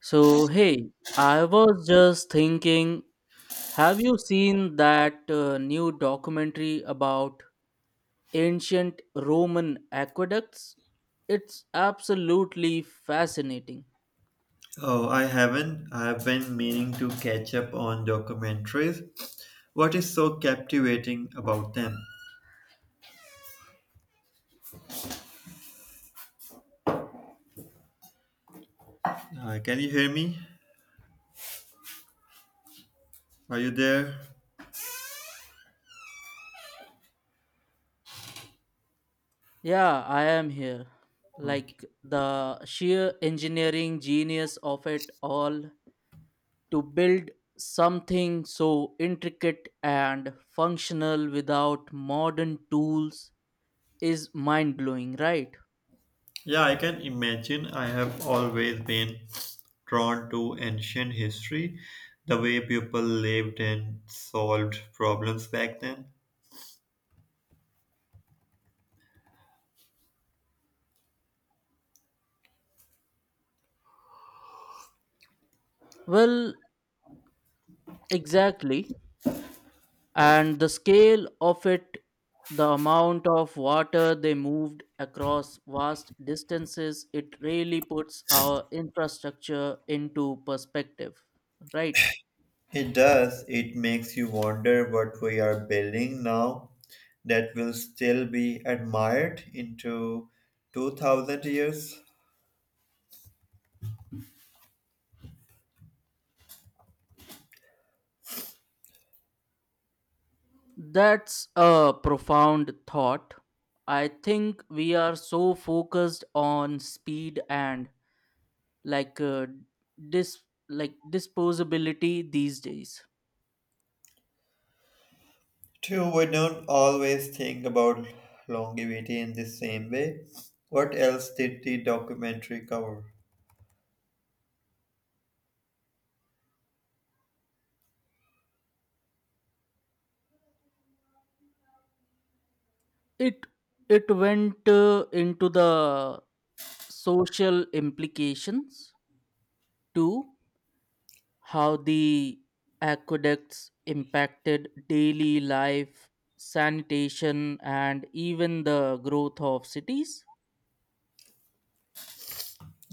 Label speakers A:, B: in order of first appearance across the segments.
A: So, hey, I was just thinking, have you seen that new documentary about ancient Roman aqueducts? It's absolutely fascinating.
B: Oh, I haven't. I've been meaning to catch up on documentaries. What is so captivating about them? Can you hear me? Are you there?
A: Yeah, I am here.
B: Okay.
A: Like the sheer engineering genius of it all to build something so intricate and functional without modern tools is mind blowing, right?
B: Yeah, I can imagine. I have always been drawn to ancient history, the way people lived and solved problems back then.
A: Well, Exactly. And the scale of it, the amount of water they moved across vast distances, it really puts our infrastructure into perspective, right?
B: It does. It makes you wonder what we are building now that will still be admired into 2,000 years.
A: That's a profound thought. I think we are so focused on speed and like uh, dis like disposability these days.
B: True, we don't always think about longevity in the same way. What else did the documentary cover?
A: It it went into the social implications too, how the aqueducts impacted daily life, sanitation, and even the growth of cities.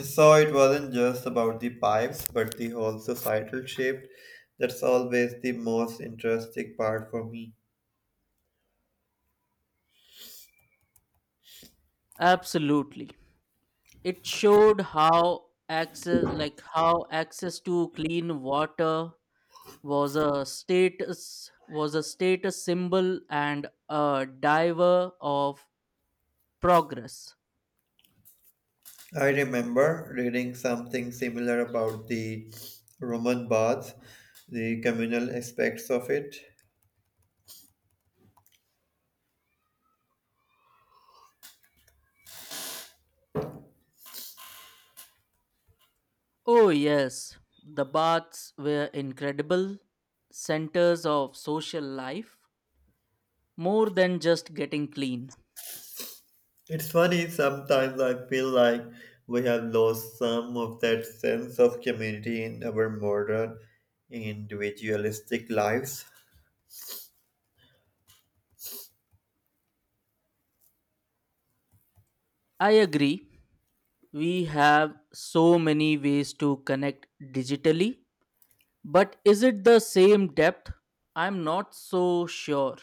B: So it wasn't just about the pipes, but the whole societal shift. That's always the most interesting part for me.
A: Absolutely, it showed how access, like how access to clean water was a status symbol and a diver of progress.
B: I remember reading something similar about the Roman baths, the communal aspects of it.
A: Oh, yes, the baths were incredible centers of social life, more than just getting clean.
B: It's funny, sometimes I feel like we have lost some of that sense of community in our modern individualistic lives.
A: I agree, we have so many ways to connect digitally, but is it the same depth? I'm not so sure.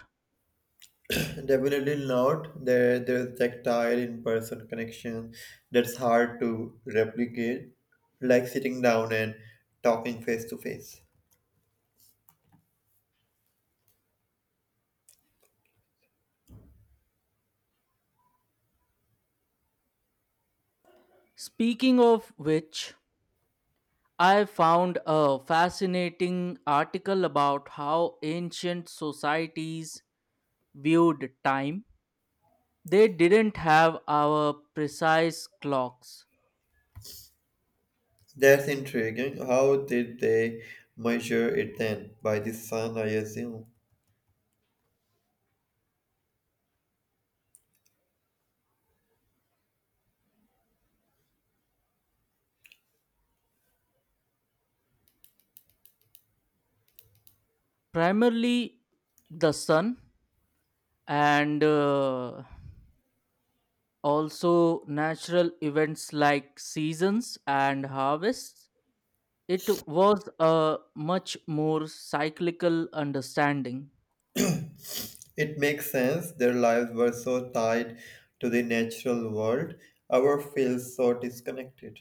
B: Definitely not. There's tactile in-person connection that's hard to replicate, like sitting down and talking face to face.
A: Speaking of which, I found a fascinating article about how ancient societies viewed time. They didn't have our precise clocks,
B: That's intriguing. How did they measure it then? By the sun, I assume.
A: primarily the sun, and also natural events like seasons and harvests. It was a much more cyclical understanding.
B: It makes sense. Their lives were so tied to the natural world. Our feels so disconnected.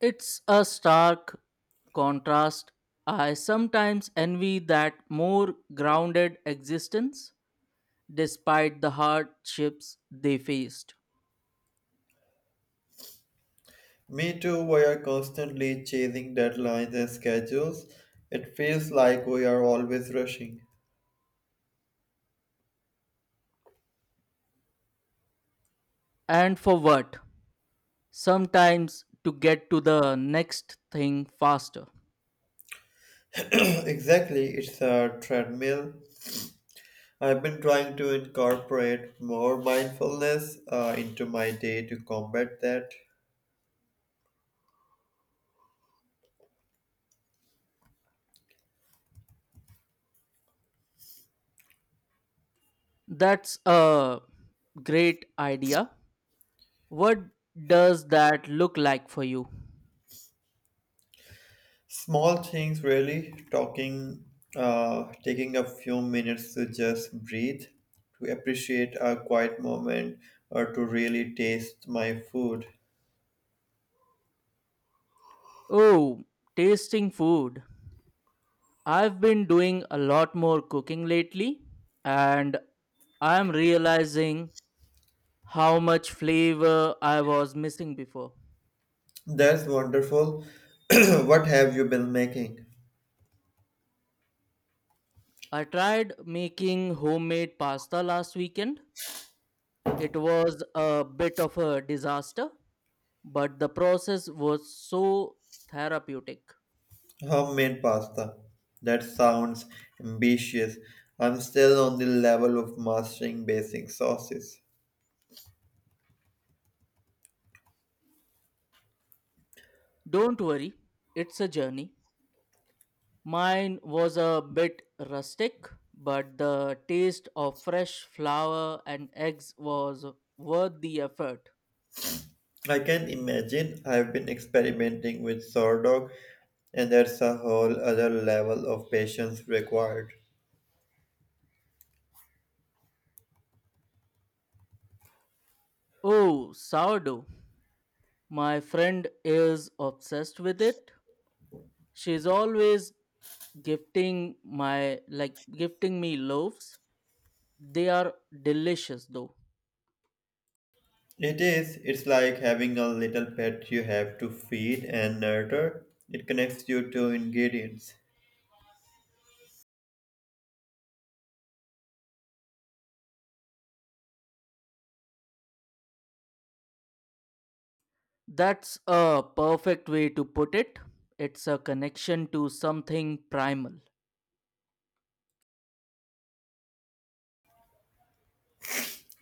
A: It's a stark contrast. I sometimes envy that more grounded existence despite the hardships they faced.
B: Me too, we are constantly chasing deadlines and schedules. It feels like we are always rushing.
A: And for what? Sometimes to get to the next thing faster.
B: Exactly, it's a treadmill. I've been trying to incorporate more mindfulness into my day to combat that.
A: That's a great idea. What does that look like for you?
B: Small things, really. Talking, taking a few minutes to just breathe, to appreciate a quiet moment, or to really taste my food.
A: Oh, tasting food. I've been doing a lot more cooking lately, and I'm realizing how much flavor I was missing before.
B: That's wonderful. What have you been making?
A: I tried making homemade pasta last weekend. It was a bit of a disaster, but the process was so therapeutic.
B: Homemade pasta. That sounds ambitious. I'm still on the level of mastering basic sauces.
A: Don't worry, it's a journey. Mine was a bit rustic, but the taste of fresh flour and eggs was worth the effort.
B: I can imagine I've been experimenting with sourdough, and that's a whole other level of patience required.
A: Oh, sourdough. My friend is obsessed with it. She's always gifting my like gifting me loaves. They are delicious though.
B: It is, it's like having a little pet you have to feed and nurture. It connects you to ingredients.
A: That's a perfect way to put it. It's a connection to something primal.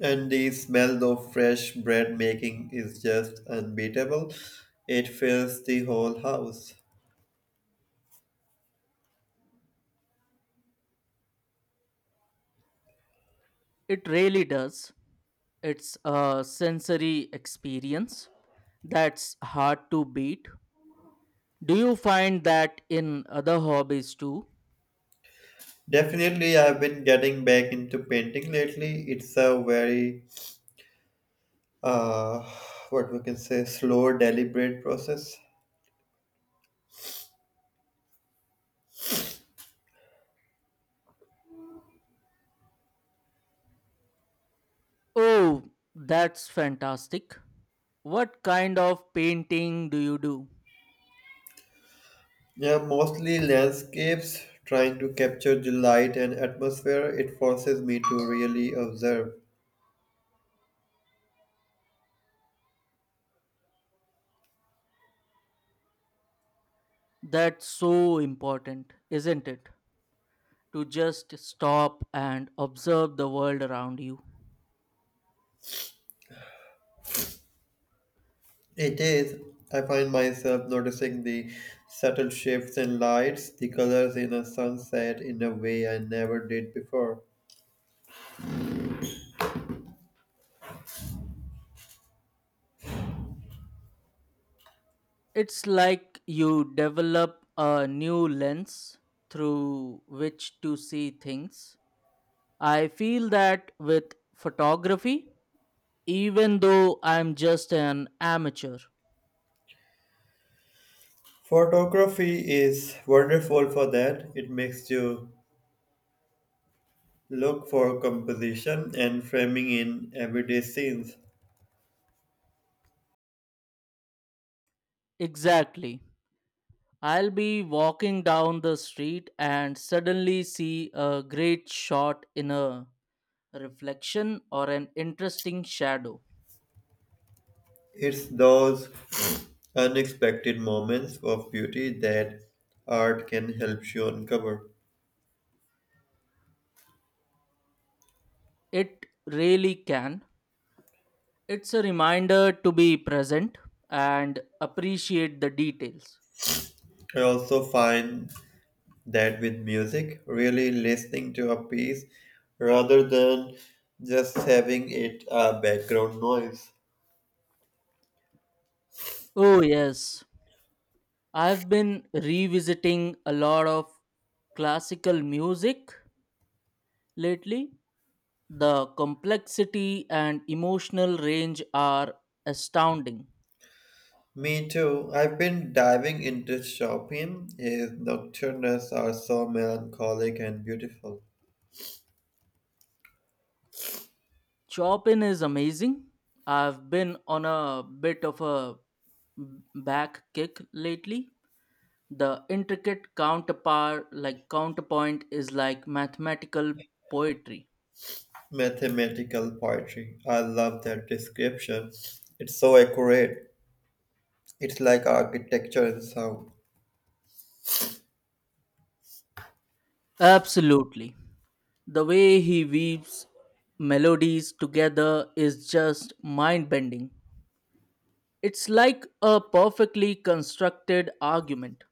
B: And the smell of fresh bread making is just unbeatable. It fills the whole house.
A: It really does. It's a sensory experience that's hard to beat. Do you find that in other hobbies too?
B: Definitely, I've been getting back into painting lately. It's a very uh, what we can say slow deliberate process.
A: Oh, that's fantastic. What kind of painting do you do?
B: Yeah, mostly landscapes, trying to capture the light and atmosphere. It forces me to really observe.
A: That's so important, isn't it? To just stop and observe the world around you.
B: It is. I find myself noticing the subtle shifts in lights, the colors in a sunset, in a way I never did before.
A: It's like you develop a new lens through which to see things. I feel that with photography, even though I'm just an amateur.
B: Photography is wonderful for that. It makes you look for composition and framing in everyday scenes.
A: Exactly. I'll be walking down the street and suddenly see a great shot in a reflection or an interesting shadow.
B: It's those unexpected moments of beauty that art can help you uncover.
A: It really can. It's a reminder to be present and appreciate the details.
B: I also find that with music, really listening to a piece rather than just having it a background noise.
A: Oh, yes. I've been revisiting a lot of classical music lately. The complexity and emotional range are astounding.
B: Me too. I've been diving into Chopin. His nocturnes are so melancholic and beautiful.
A: Chopin is amazing. I've been on a bit of a back kick lately. The intricate counterpart like counterpoint is like mathematical poetry.
B: Mathematical poetry. I love that description. It's so accurate. It's like architecture and sound.
A: Absolutely. The way he weaves melodies together is just mind bending. It's like a perfectly constructed argument.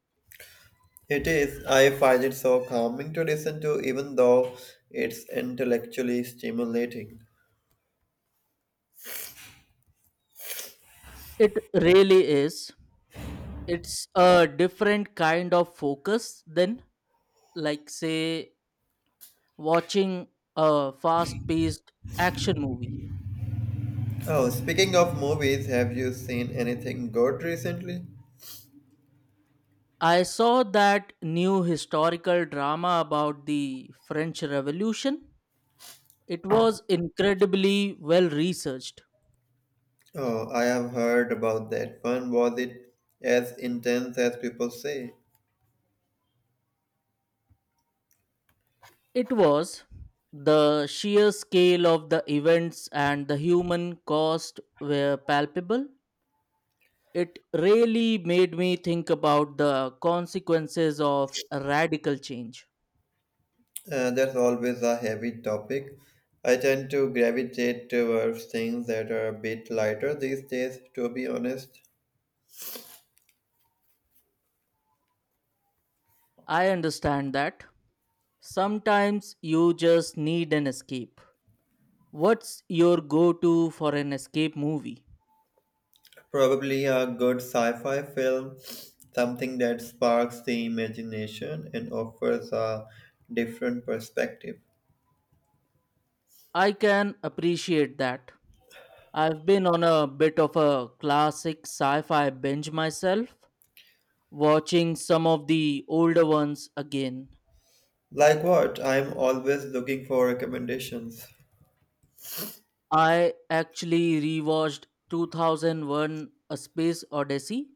B: It is. I find it so calming to listen to, even though it's intellectually stimulating.
A: It really is. It's a different kind of focus than, like, say, watching a fast paced action movie.
B: Oh, speaking of movies, have you seen anything good recently?
A: I saw that new historical drama about the French Revolution. It was incredibly well researched.
B: Oh, I have heard about that one. Was it as intense as people say?
A: It was the sheer scale of the events and the human cost were palpable. It really made me think about the consequences of radical change.
B: That's always a heavy topic. I tend to gravitate towards things that are a bit lighter these days, to be honest.
A: I understand that sometimes you just need an escape. What's your go to for an escape movie?
B: Probably a good sci fi film, something that sparks the imagination and offers a different perspective.
A: I can appreciate that. I've been on a bit of a classic sci fi binge myself, watching some of the older ones again.
B: Like what? I'm always looking for recommendations.
A: I actually rewatched 2001 A Space Odyssey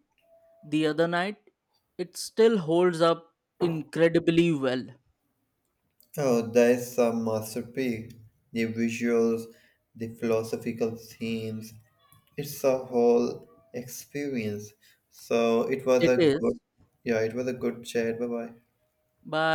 A: the other night. It still holds up incredibly well.
B: Oh, there's some masterpiece. The visuals, the philosophical themes. It's a whole experience. So it was
A: It
B: a
A: is
B: good, Yeah, it was a good chat. Bye bye.
A: by